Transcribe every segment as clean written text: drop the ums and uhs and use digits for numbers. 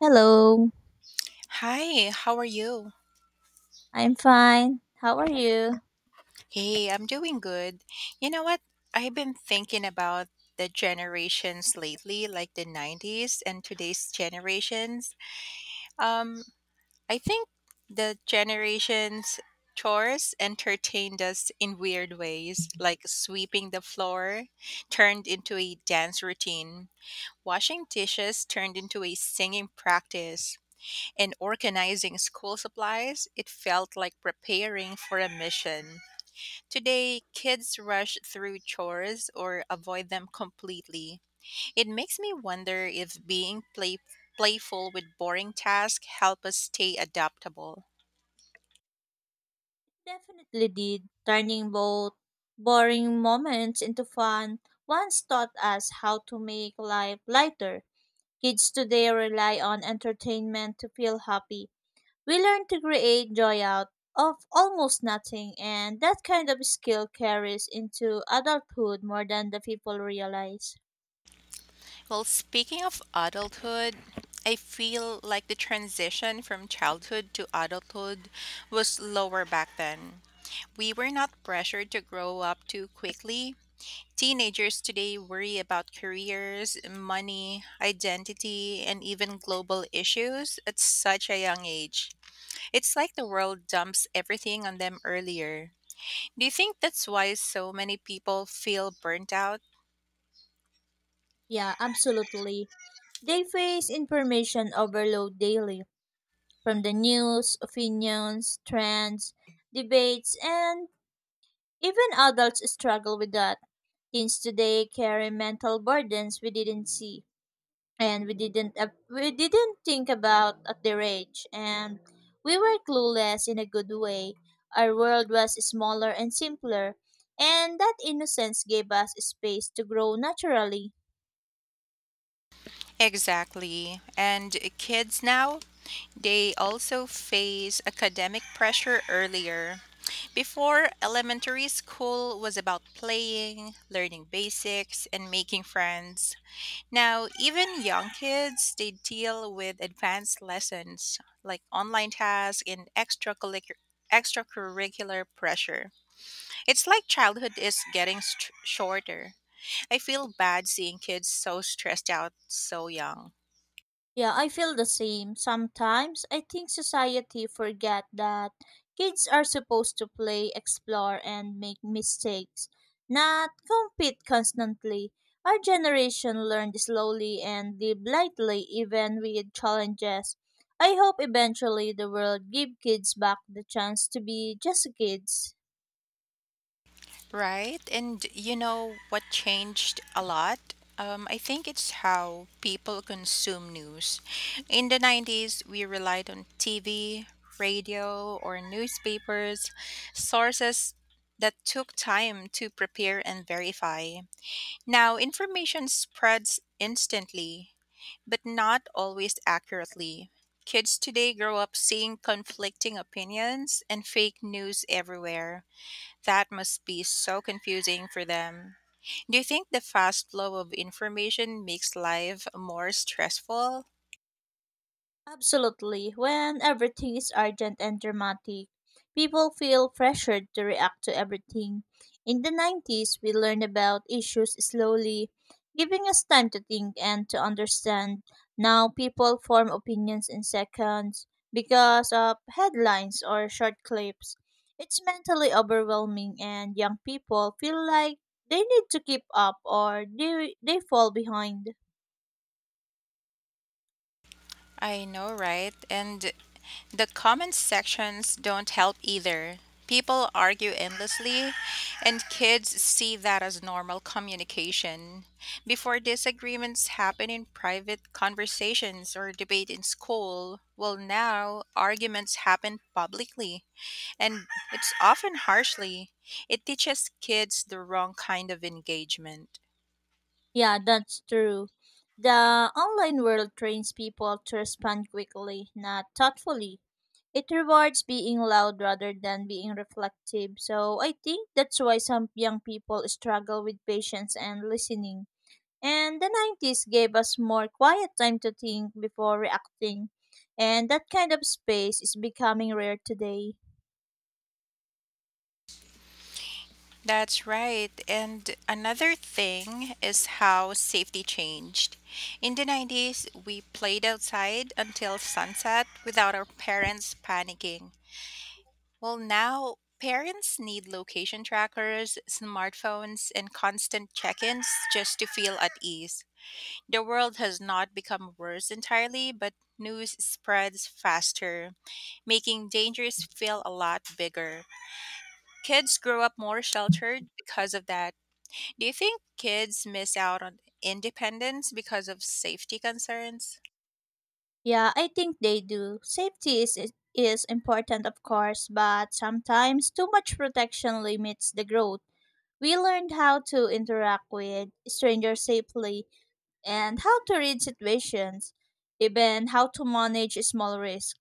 Hello, Hi, how are you? I'm fine. How are you? Hey, I'm doing good. You know what? I've been thinking about the generations lately, like the 90s and today's generations. Um, I think the generations chores entertained us in weird ways, like sweeping the floor turned into a dance routine, washing dishes turned into a singing practice, and organizing school supplies, it felt like preparing for a mission. Today, kids rush through chores or avoid them completely. It makes me wonder if playful with boring tasks help us stay adaptable. Definitely did. Turning both boring moments into fun once taught us how to make life lighter. Kids today rely on entertainment to feel happy. We learn to create joy out of almost nothing, and that kind of skill carries into adulthood more than the people realize. Well, speaking of adulthood, I feel like the transition from childhood to adulthood was lower back then. We were not pressured to grow up too quickly. Teenagers today worry about careers, money, identity, and even global issues at such a young age. It's like the world dumps everything on them earlier. Do you think that's why so many people feel burnt out? Yeah, absolutely. They face information overload daily from the news, opinions, trends, debates, and even adults struggle with that. Teens today carry mental burdens we didn't see and we didn't think about at their age, and we were clueless in a good way. Our world was smaller and simpler, and that innocence gave us space to grow naturally. Exactly. And kids now, they also face academic pressure earlier. Before, elementary school was about playing, learning basics, and making friends. Now, even young kids, they deal with advanced lessons like online tasks and extracurricular pressure. It's like childhood is getting shorter. I feel bad seeing kids so stressed out so young. Yeah, I feel the same. Sometimes I think society forget that kids are supposed to play, explore and make mistakes, not compete constantly. Our generation learned slowly and live lightly even with challenges. I hope eventually the world give kids back the chance to be just kids. Right. And you know what changed a lot? I think it's how people consume news. In the 90s, we relied on TV, radio, or newspapers, sources that took time to prepare and verify. Now, information spreads instantly, but not always accurately. Kids today grow up seeing conflicting opinions and fake news everywhere. That must be so confusing for them. Do you think the fast flow of information makes life more stressful? Absolutely. When everything is urgent and dramatic, people feel pressured to react to everything. In the 90s, we learned about issues slowly, giving us time to think and to understand. Now, people form opinions in seconds because of headlines or short clips. It's mentally overwhelming, and young people feel like they need to keep up or they fall behind. I know, right? And the comment sections don't help either. People argue endlessly, and kids see that as normal communication. Before disagreements happen in private conversations or debate in school, well, now arguments happen publicly, and it's often harshly. It teaches kids the wrong kind of engagement. Yeah, that's true. The online world trains people to respond quickly, not thoughtfully. It rewards being loud rather than being reflective. So I think that's why some young people struggle with patience and listening. And the 90s gave us more quiet time to think before reacting. And that kind of space is becoming rare today. That's right. And another thing is how safety changed. In the 90s, we played outside until sunset without our parents panicking. Well, now parents need location trackers, smartphones, and constant check ins just to feel at ease. The world has not become worse entirely, but news spreads faster, making dangers feel a lot bigger. Kids grow up more sheltered because of that. Do you think kids miss out on independence because of safety concerns? Yeah, I think they do. Safety is important, of course, but sometimes too much protection limits the growth. We learned how to interact with strangers safely and how to read situations, even how to manage small risks.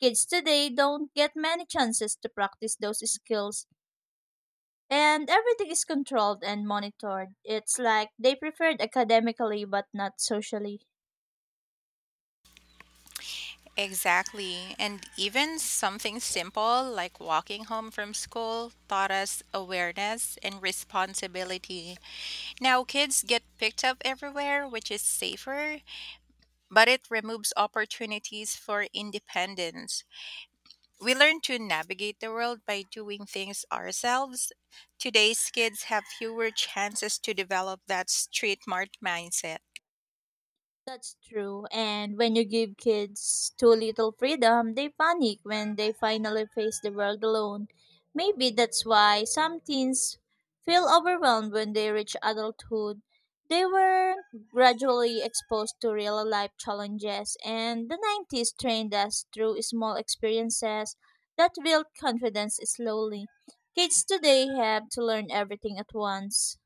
Kids today don't get many chances to practice those skills, and everything is controlled and monitored. It's like they preferred academically but not socially. Exactly. And even something simple like walking home from school taught us awareness and responsibility. Now kids get picked up everywhere, which is safer, but it removes opportunities for independence. We learn to navigate the world by doing things ourselves. Today's kids have fewer chances to develop that street smart mindset. That's true. And when you give kids too little freedom, they panic when they finally face the world alone. Maybe that's why some teens feel overwhelmed when they reach adulthood. They were gradually exposed to real life challenges, and the 90s trained us through small experiences that built confidence slowly. Kids today have to learn everything at once.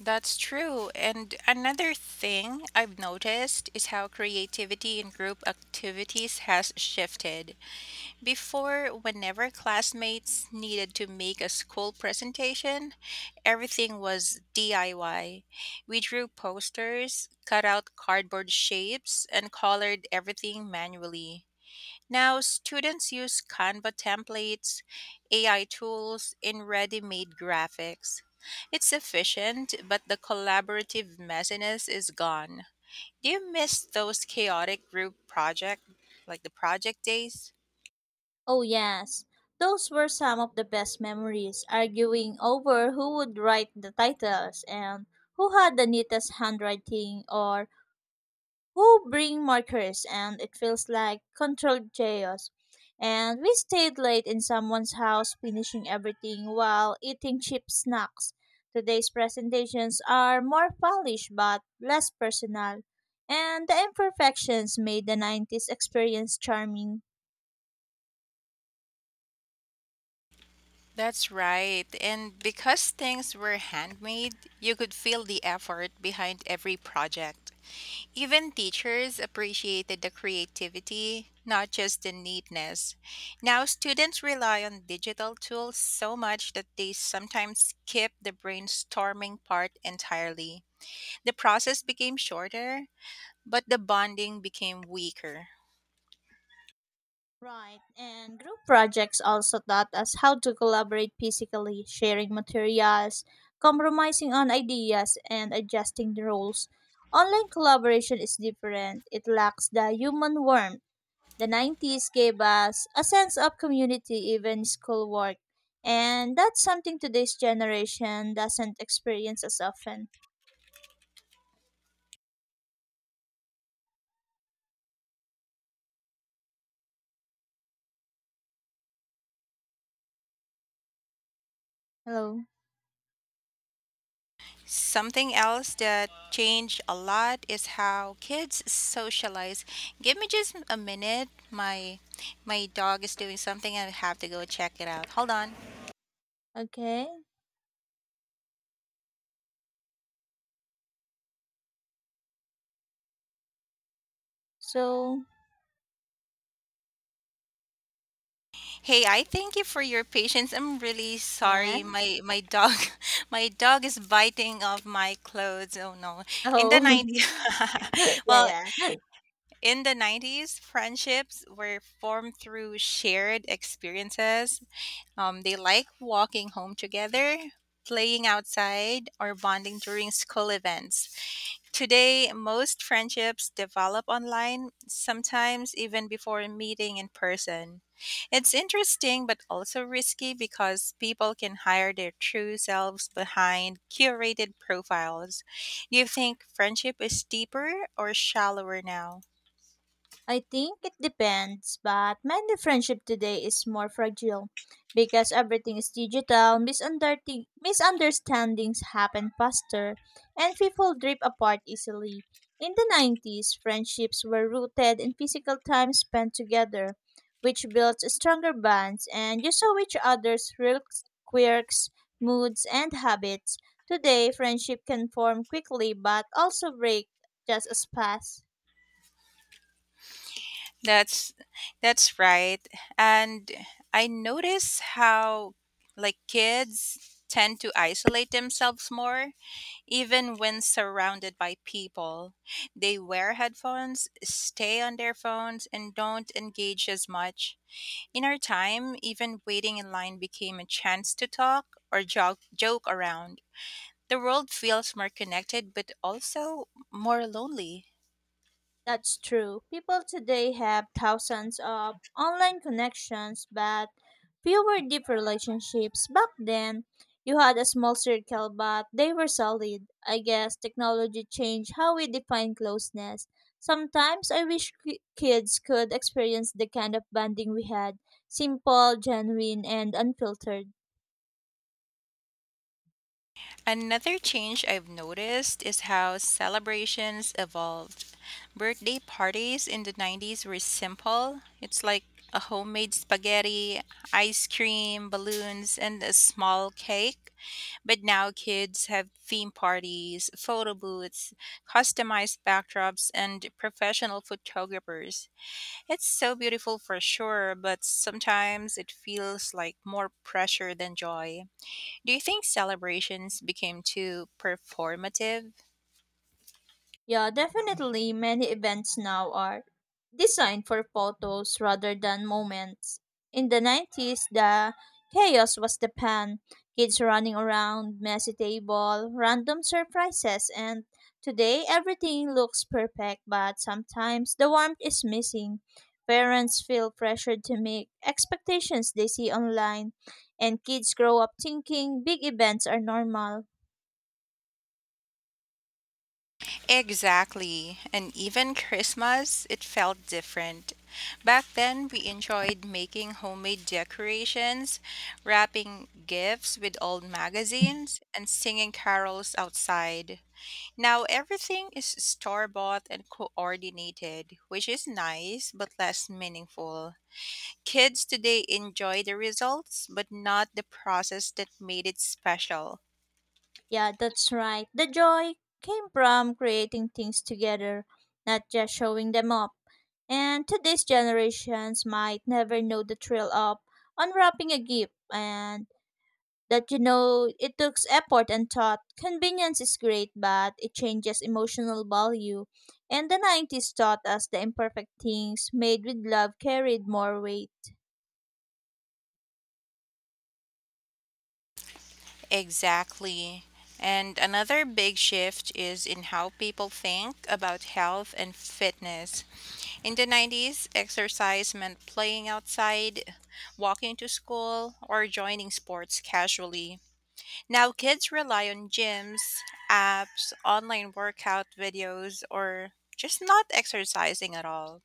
That's true. And another thing I've noticed is how creativity in group activities has shifted. Before, whenever classmates needed to make a school presentation, everything was DIY. We drew posters, cut out cardboard shapes, and colored everything manually. Now, students use Canva templates, AI tools, and ready made graphics. It's efficient, but the collaborative messiness is gone. Do you miss those chaotic group project, like the project days? Oh, yes. Those were some of the best memories, arguing over who would write the titles and who had the neatest handwriting or who bring markers, and it feels like controlled chaos. And we stayed late in someone's house finishing everything while eating cheap snacks. Today's presentations are more polished but less personal, and the imperfections made the 90s experience charming. That's right. And because things were handmade, you could feel the effort behind every project. Even teachers appreciated the creativity, not just the neatness. Now, students rely on digital tools so much that they sometimes skip the brainstorming part entirely. The process became shorter, but the bonding became weaker. Right, and group projects also taught us how to collaborate physically, sharing materials, compromising on ideas, and adjusting the rules. Online collaboration is different, it lacks the human warmth. The 90s gave us a sense of community, even schoolwork, and that's something today's generation doesn't experience as often. Hello, Something else that changed a lot is how kids socialize. Give me just a minute. My dog is doing something and I have to go check it out. Hold on. okay, so, Hey, I thank you for your patience. I'm really yeah, sorry. My dog my dog is biting off my clothes. Oh no. In the oh, 90s yeah, Well, yeah. in the 90s, friendships were formed through shared experiences. They like walking home together, playing outside, or bonding during school events. Today, most friendships develop online, sometimes even before meeting in person. It's interesting but also risky because people can hide their true selves behind curated profiles. Do you think friendship is deeper or shallower now? I think it depends, but many friendship today is more fragile because everything is digital, misunderstandings happen faster, and people drift apart easily. In the 90s, friendships were rooted in physical time spent together, which built stronger bonds, and you saw each other's real quirks, moods, and habits. Today, friendship can form quickly but also break just as fast. That's that's right. And I notice how like kids tend to isolate themselves more even when surrounded by people. They wear headphones, stay on their phones and don't engage as much. In our time, even waiting in line became a chance to talk or joke around. The world feels more connected but also more lonely. That's true. People today have thousands of online connections, but fewer deep relationships. Back then, you had a small circle, but they were solid. I guess technology changed how we define closeness. Sometimes I wish kids could experience the kind of bonding we had, simple, genuine, and unfiltered. Another change I've noticed is how celebrations evolved. Birthday parties in the 90s were simple. It's like a homemade spaghetti, ice cream, balloons, and a small cake. But now kids have theme parties, photo booths, customized backdrops, and professional photographers. It's so beautiful for sure, but sometimes it feels like more pressure than joy. Do you think celebrations became too performative? Yeah, definitely many events now are designed for photos rather than moments. In the 90s, the chaos was the pan. Kids running around, messy table, random surprises, and today everything looks perfect, but sometimes the warmth is missing. Parents feel pressured to meet expectations they see online, and kids grow up thinking big events are normal. Exactly. And even Christmas, it felt different. Back then, we enjoyed making homemade decorations, wrapping gifts with old magazines, and singing carols outside. Now, everything is store bought and coordinated, which is nice but less meaningful. Kids today enjoy the results, but not the process that made it special. Yeah, that's right. The joy came from creating things together, not just showing them up. And today's generations might never know the thrill of unwrapping a gift and that it took effort and thought. Convenience is great, but it changes emotional value. And the 90s taught us the imperfect things made with love carried more weight. Exactly. And another big shift is in how people think about health and fitness. In the 90s, exercise meant playing outside, walking to school, or joining sports casually. Now kids rely on gyms, apps, online workout videos, or just not exercising at all.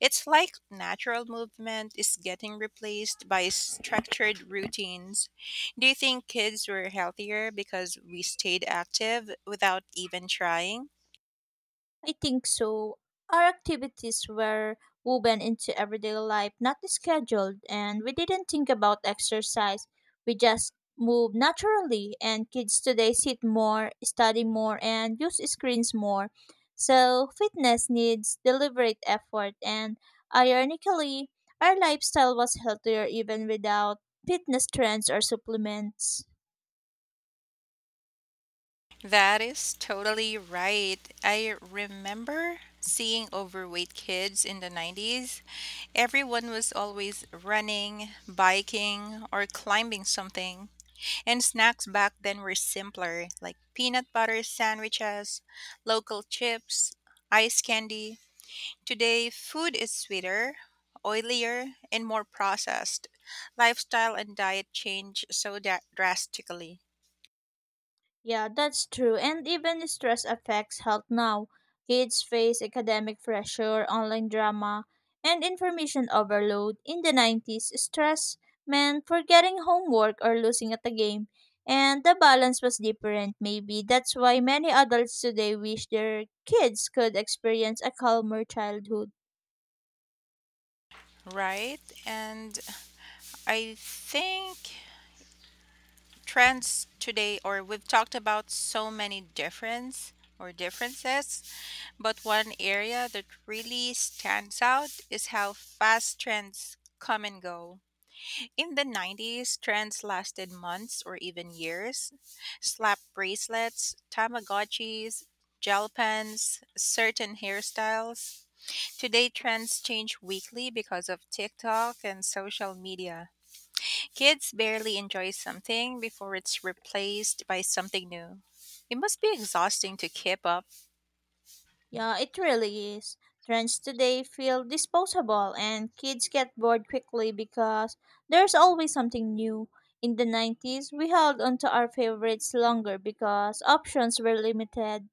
It's like natural movement is getting replaced by structured routines. Do you think kids were healthier because we stayed active without even trying? I think so. Our activities were woven into everyday life, not scheduled, and we didn't think about exercise. We just moved naturally, and kids today sit more, study more, and use screens more. So, fitness needs deliberate effort, and ironically, our lifestyle was healthier even without fitness trends or supplements. That is totally right. I remember seeing overweight kids in the 90s. Everyone was always running, biking, or climbing something. And snacks back then were simpler, like peanut butter sandwiches, local chips, ice candy. Today, food is sweeter, oilier, and more processed. Lifestyle and diet change so drastically, Yeah, that's true. And even stress affects health now. Kids face academic pressure, online drama, and information overload. In the 90s, stress meant forgetting homework or losing at a game. And the balance was different, maybe. That's why many adults today wish their kids could experience a calmer childhood. right? And I think trends today, or we've talked about so many difference or differences, but one area that really stands out is how fast trends come and go. In the 90s, trends lasted months or even years. Slap bracelets, Tamagotchis, gel pens, certain hairstyles. Today, trends change weekly because of TikTok and social media. Kids barely enjoy something before it's replaced by something new. It must be exhausting to keep up. Yeah, it really is. Trends today feel disposable, and kids get bored quickly because there's always something new. In the 90s, we held onto our favorites longer because options were limited.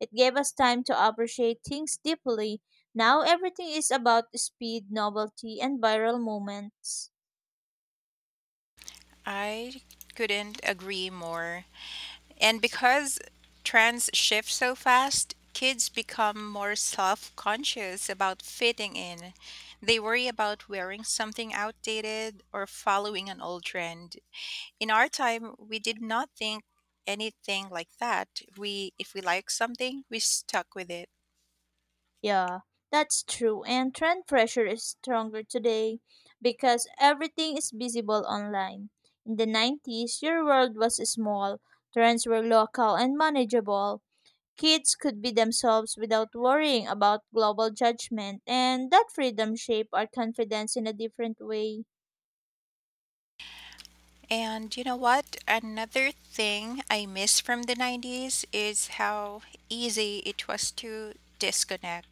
It gave us time to appreciate things deeply. Now everything is about speed, novelty, and viral moments. I couldn't agree more. And because trends shift so fast, kids become more self conscious about fitting in. They worry about wearing something outdated or following an old trend. In our time, we did not think anything like that. We if we like something, we stuck with it. Yeah, that's true. And trend pressure is stronger today because everything is visible online. In the 90s, your world was small, trends were local and manageable. Kids could be themselves without worrying about global judgment, and that freedom shaped our confidence in a different way. And you know what? Another thing I miss from the 90s is how easy it was to disconnect.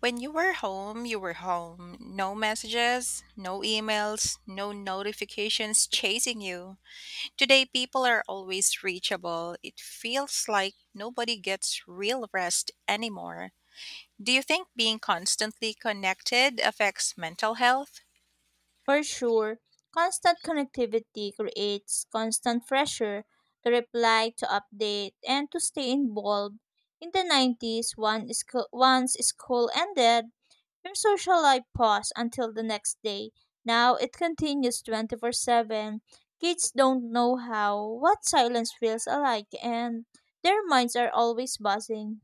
When you were home, you were home. No messages, no emails, no notifications chasing you. Today, people are always reachable. It feels like nobody gets real rest anymore. Do you think being constantly connected affects mental health? For sure, constant connectivity creates constant pressure to reply, to update, and to stay involved. In the 90s, once school ended, your social life paused until the next day. Now it continues 24/7. Kids don't know how, what silence feels like, and their minds are always buzzing.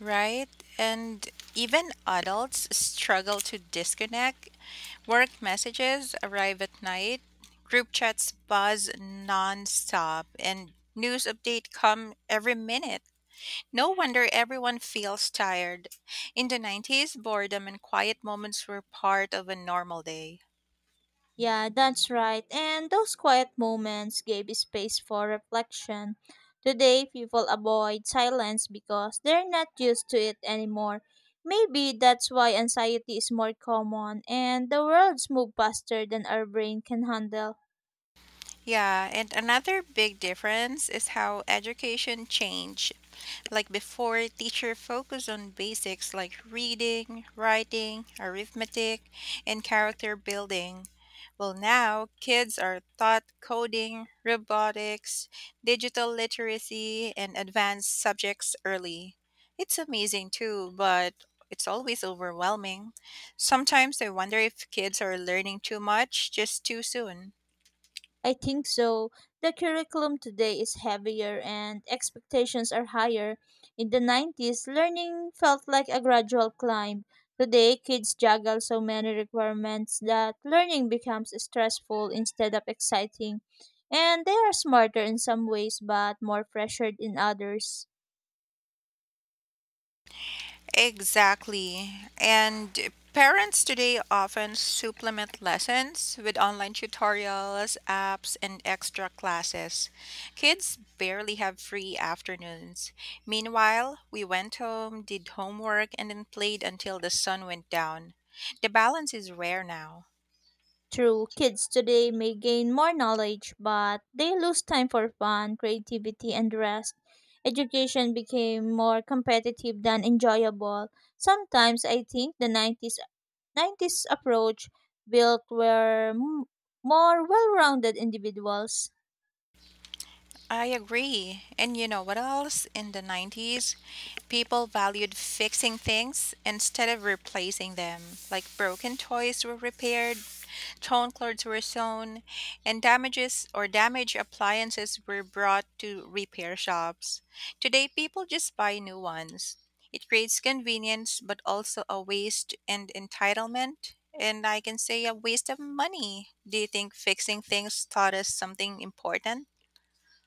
Right? And even adults struggle to disconnect. Work messages arrive at night, group chats buzz nonstop, and news update come every minute. No wonder everyone feels tired. In the 90s, boredom and quiet moments were part of a normal day. Yeah, that's right. And those quiet moments gave space for reflection. Today, people avoid silence because they're not used to it anymore. Maybe that's why anxiety is more common and the world's move faster than our brain can handle. Yeah, and another big difference is how education changed. Like before, teacher focused on basics like reading, writing, arithmetic, and character building. Well, now kids are taught coding, robotics, digital literacy, and advanced subjects early. It's amazing too, but it's always overwhelming. Sometimes I wonder if kids are learning too much just too soon. I think so. The curriculum today is heavier and expectations are higher. In the 90s, learning felt like a gradual climb. Today, kids juggle so many requirements that learning becomes stressful instead of exciting. And they are smarter in some ways but more pressured in others. Exactly. And parents today often supplement lessons with online tutorials, apps, and extra classes. Kids barely have free afternoons. Meanwhile, we went home, did homework, and then played until the sun went down. The balance is rare now. True, kids today may gain more knowledge, but they lose time for fun, creativity, and rest. Education became more competitive than enjoyable. Sometimes I think the 90s approach built more well rounded individuals. I agree. And you know what else? In the 90s, people valued fixing things instead of replacing them. Like broken toys were repaired, torn clothes were sewn, and damages or damaged appliances were brought to repair shops. Today, people just buy new ones. It creates convenience, but also a waste and entitlement. And I can say a waste of money. Do you think fixing things taught us something important?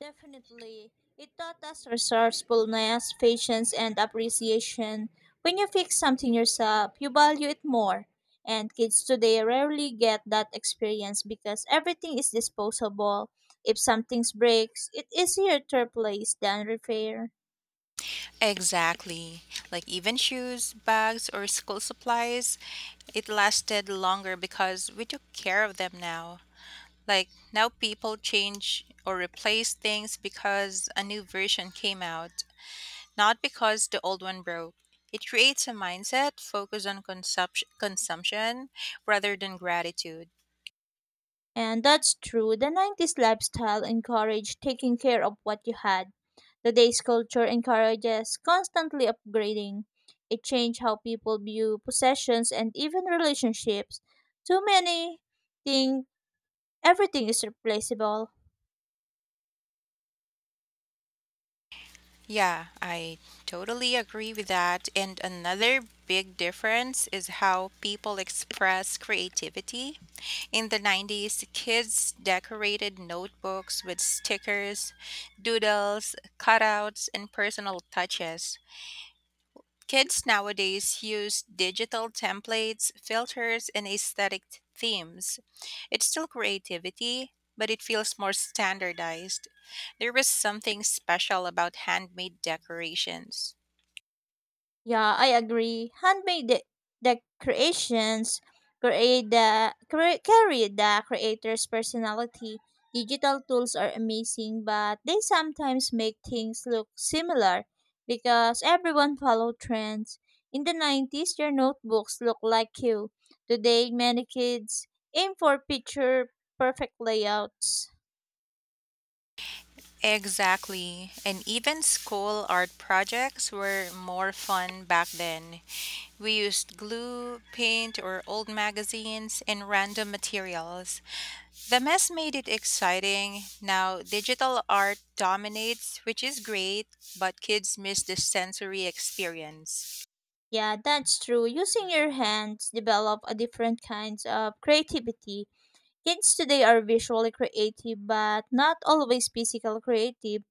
Definitely. It taught us resourcefulness, patience, and appreciation. When you fix something yourself, you value it more. And kids today rarely get that experience because everything is disposable. If something breaks, it's easier to replace than repair. Exactly. Like even shoes, bags, or school supplies, it lasted longer because we took care of them now. Like now people change or replace things because a new version came out, not because the old one broke. It creates a mindset focused on consumption rather than gratitude. And that's true. The 90s lifestyle encouraged taking care of what you had. Today's culture encourages constantly upgrading. It changed how people view possessions and even relationships. Too many think everything is replaceable. Yeah, I totally agree with that. And another big difference is how people express creativity. In the 90s, kids decorated notebooks with stickers, doodles, cutouts, and personal touches. Kids nowadays use digital templates, filters, and themes. It's still creativity, but it feels more standardized. There was something special about handmade decorations. Yeah, I agree. Handmade de- the create the cre- Carry the creator's personality. Digital tools are amazing, but they sometimes make things look similar because everyone follow trends. In the 90s, your notebooks look like you. Today, many kids aim for picture perfect layouts. Exactly. And even school art projects were more fun back then. We used glue, paint, or old magazines and random materials. The mess made it exciting. Now, digital art dominates, which is great, but kids miss the sensory experience. Yeah, that's true. Using your hands develop a different kinds of creativity. Kids today are visually creative but not always physically creative,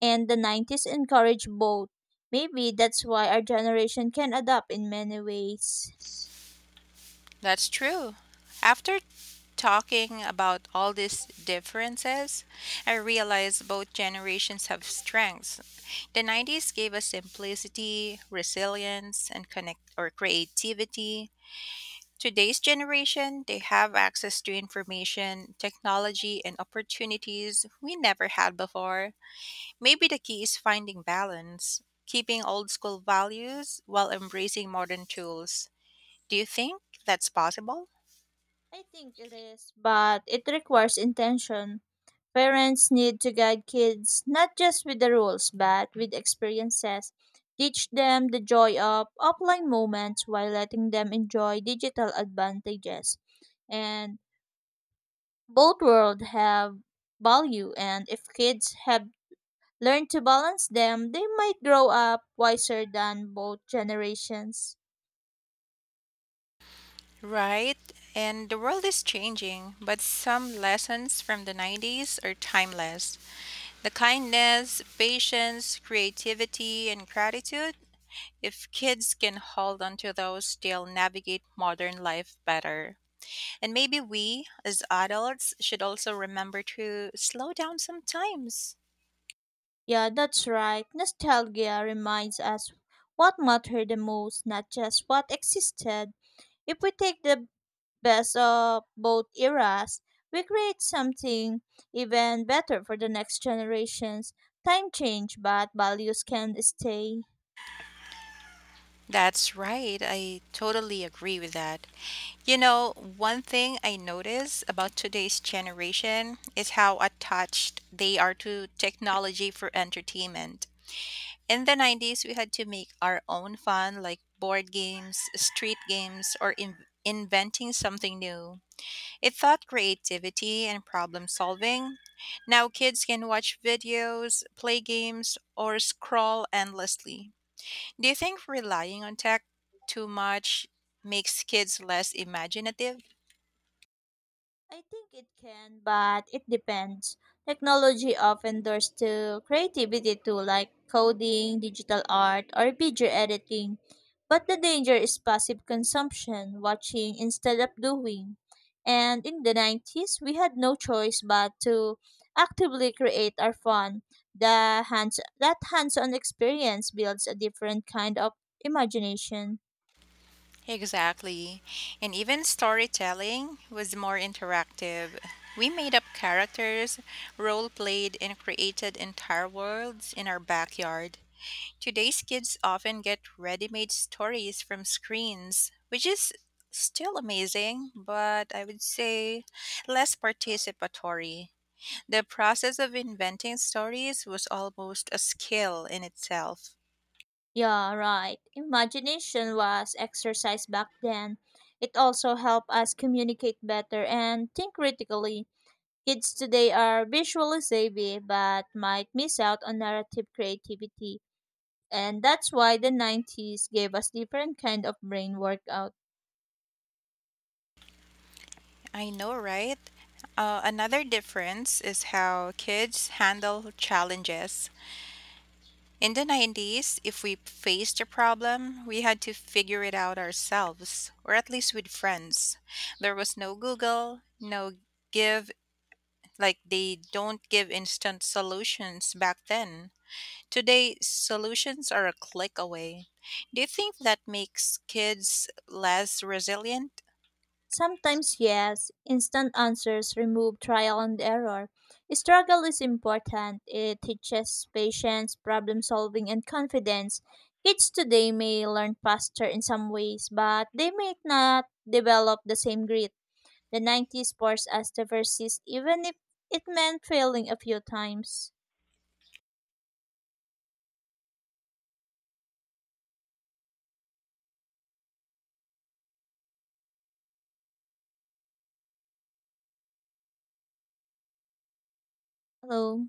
and the 90s encourage both. Maybe that's why our generation can adapt in many ways. That's true. After talking about all these differences, I realized both generations have strengths. The 90s gave us simplicity, resilience, and connect or creativity. Today's generation, they have access to information, technology, and opportunities we never had before. Maybe the key is finding balance, keeping old school values while embracing modern tools. Do you think that's possible? I think it is, but it requires intention. Parents need to guide kids not just with the rules but with experiences. Teach them the joy of offline moments while letting them enjoy digital advantages. And both worlds have value, and if kids have learned to balance them, they might grow up wiser than both generations. Right? And the world is changing, but some lessons from the 90s are timeless. The kindness, patience, creativity, and gratitude, if kids can hold on to those, they'll navigate modern life better. And maybe we, as adults, should also remember to slow down sometimes. Yeah, that's right. Nostalgia reminds us what mattered the most, not just what existed. If we take the best of both eras, we create something even better for the next generations. Time change, but values can stay. That's right. I totally agree with that. You know, one thing I notice about today's generation is how attached they are to technology for entertainment. In the 90s, we had to make our own fun, like board games, street games, or inventing something new. It taught creativity and problem solving. Now kids can watch videos, play games, or scroll endlessly. Do you think relying on tech too much makes kids less imaginative? I think it can, but it depends. Technology often doors to creativity too, like coding, digital art, or video editing. But the danger is passive consumption, watching instead of doing. And in the 90s, we had no choice but to actively create our fun. The hands that hands-on experience builds a different kind of imagination. Exactly. And even storytelling was more interactive. We made up characters, role played, and created entire worlds in our backyard. Today's kids often get ready made stories from screens, which is still amazing, but I would say less participatory. The process of inventing stories was almost a skill in itself. Yeah, right. Imagination was exercised back then. It also helped us communicate better and think critically. Kids today are visually savvy but might miss out on narrative creativity. And that's why the 90s gave us different kind of brain workout. I know, right? Another difference is how kids handle challenges. In the 90s, if we faced a problem, we had to figure it out ourselves, or at least with friends. There was no Google, no give, like they don't give instant solutions back then. Today, solutions are a click away. Do you think that makes kids less resilient? Sometimes, yes, instant answers remove trial and error. Struggle is important. It teaches patience, problem solving, and confidence. Kids today may learn faster in some ways, but they may not develop the same grit. The 90s forced us to persist, even if it meant failing a few times. Hello.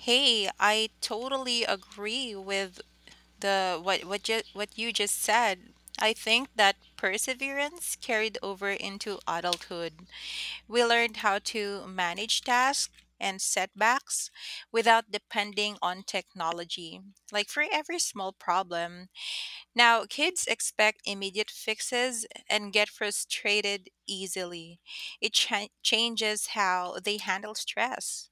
Hey, I totally agree with the what you just said. I think that perseverance carried over into adulthood. We learned how to manage tasks and setbacks without depending on technology. Like for every small problem, now, kids expect immediate fixes and get frustrated easily. It changes how they handle stress.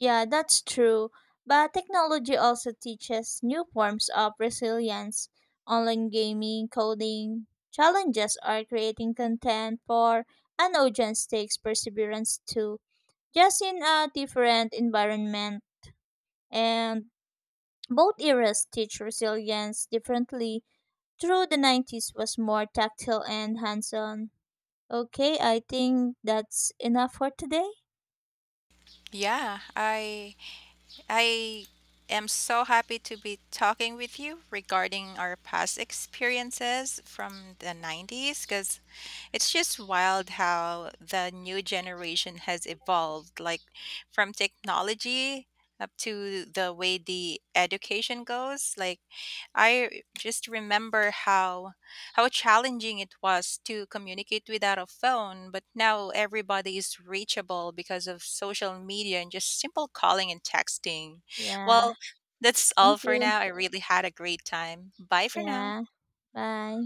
Yeah, that's true. But technology also teaches new forms of resilience. Online gaming, coding, challenges are creating content for an audience takes perseverance too, just in a different environment. And both eras teach resilience differently. Through the 90s was more tactile and hands-on. Okay, I think that's enough for today. Yeah, I am so happy to be talking with you regarding our past experiences from the 90s because it's just wild how the new generation has evolved like from technology up to the way the education goes like I just remember how challenging it was to communicate without a phone, but now everybody is reachable because of social media and just simple calling and texting. Yeah, Well, that's all thank for you. now. I really had a great time. Bye for now. Yeah, bye.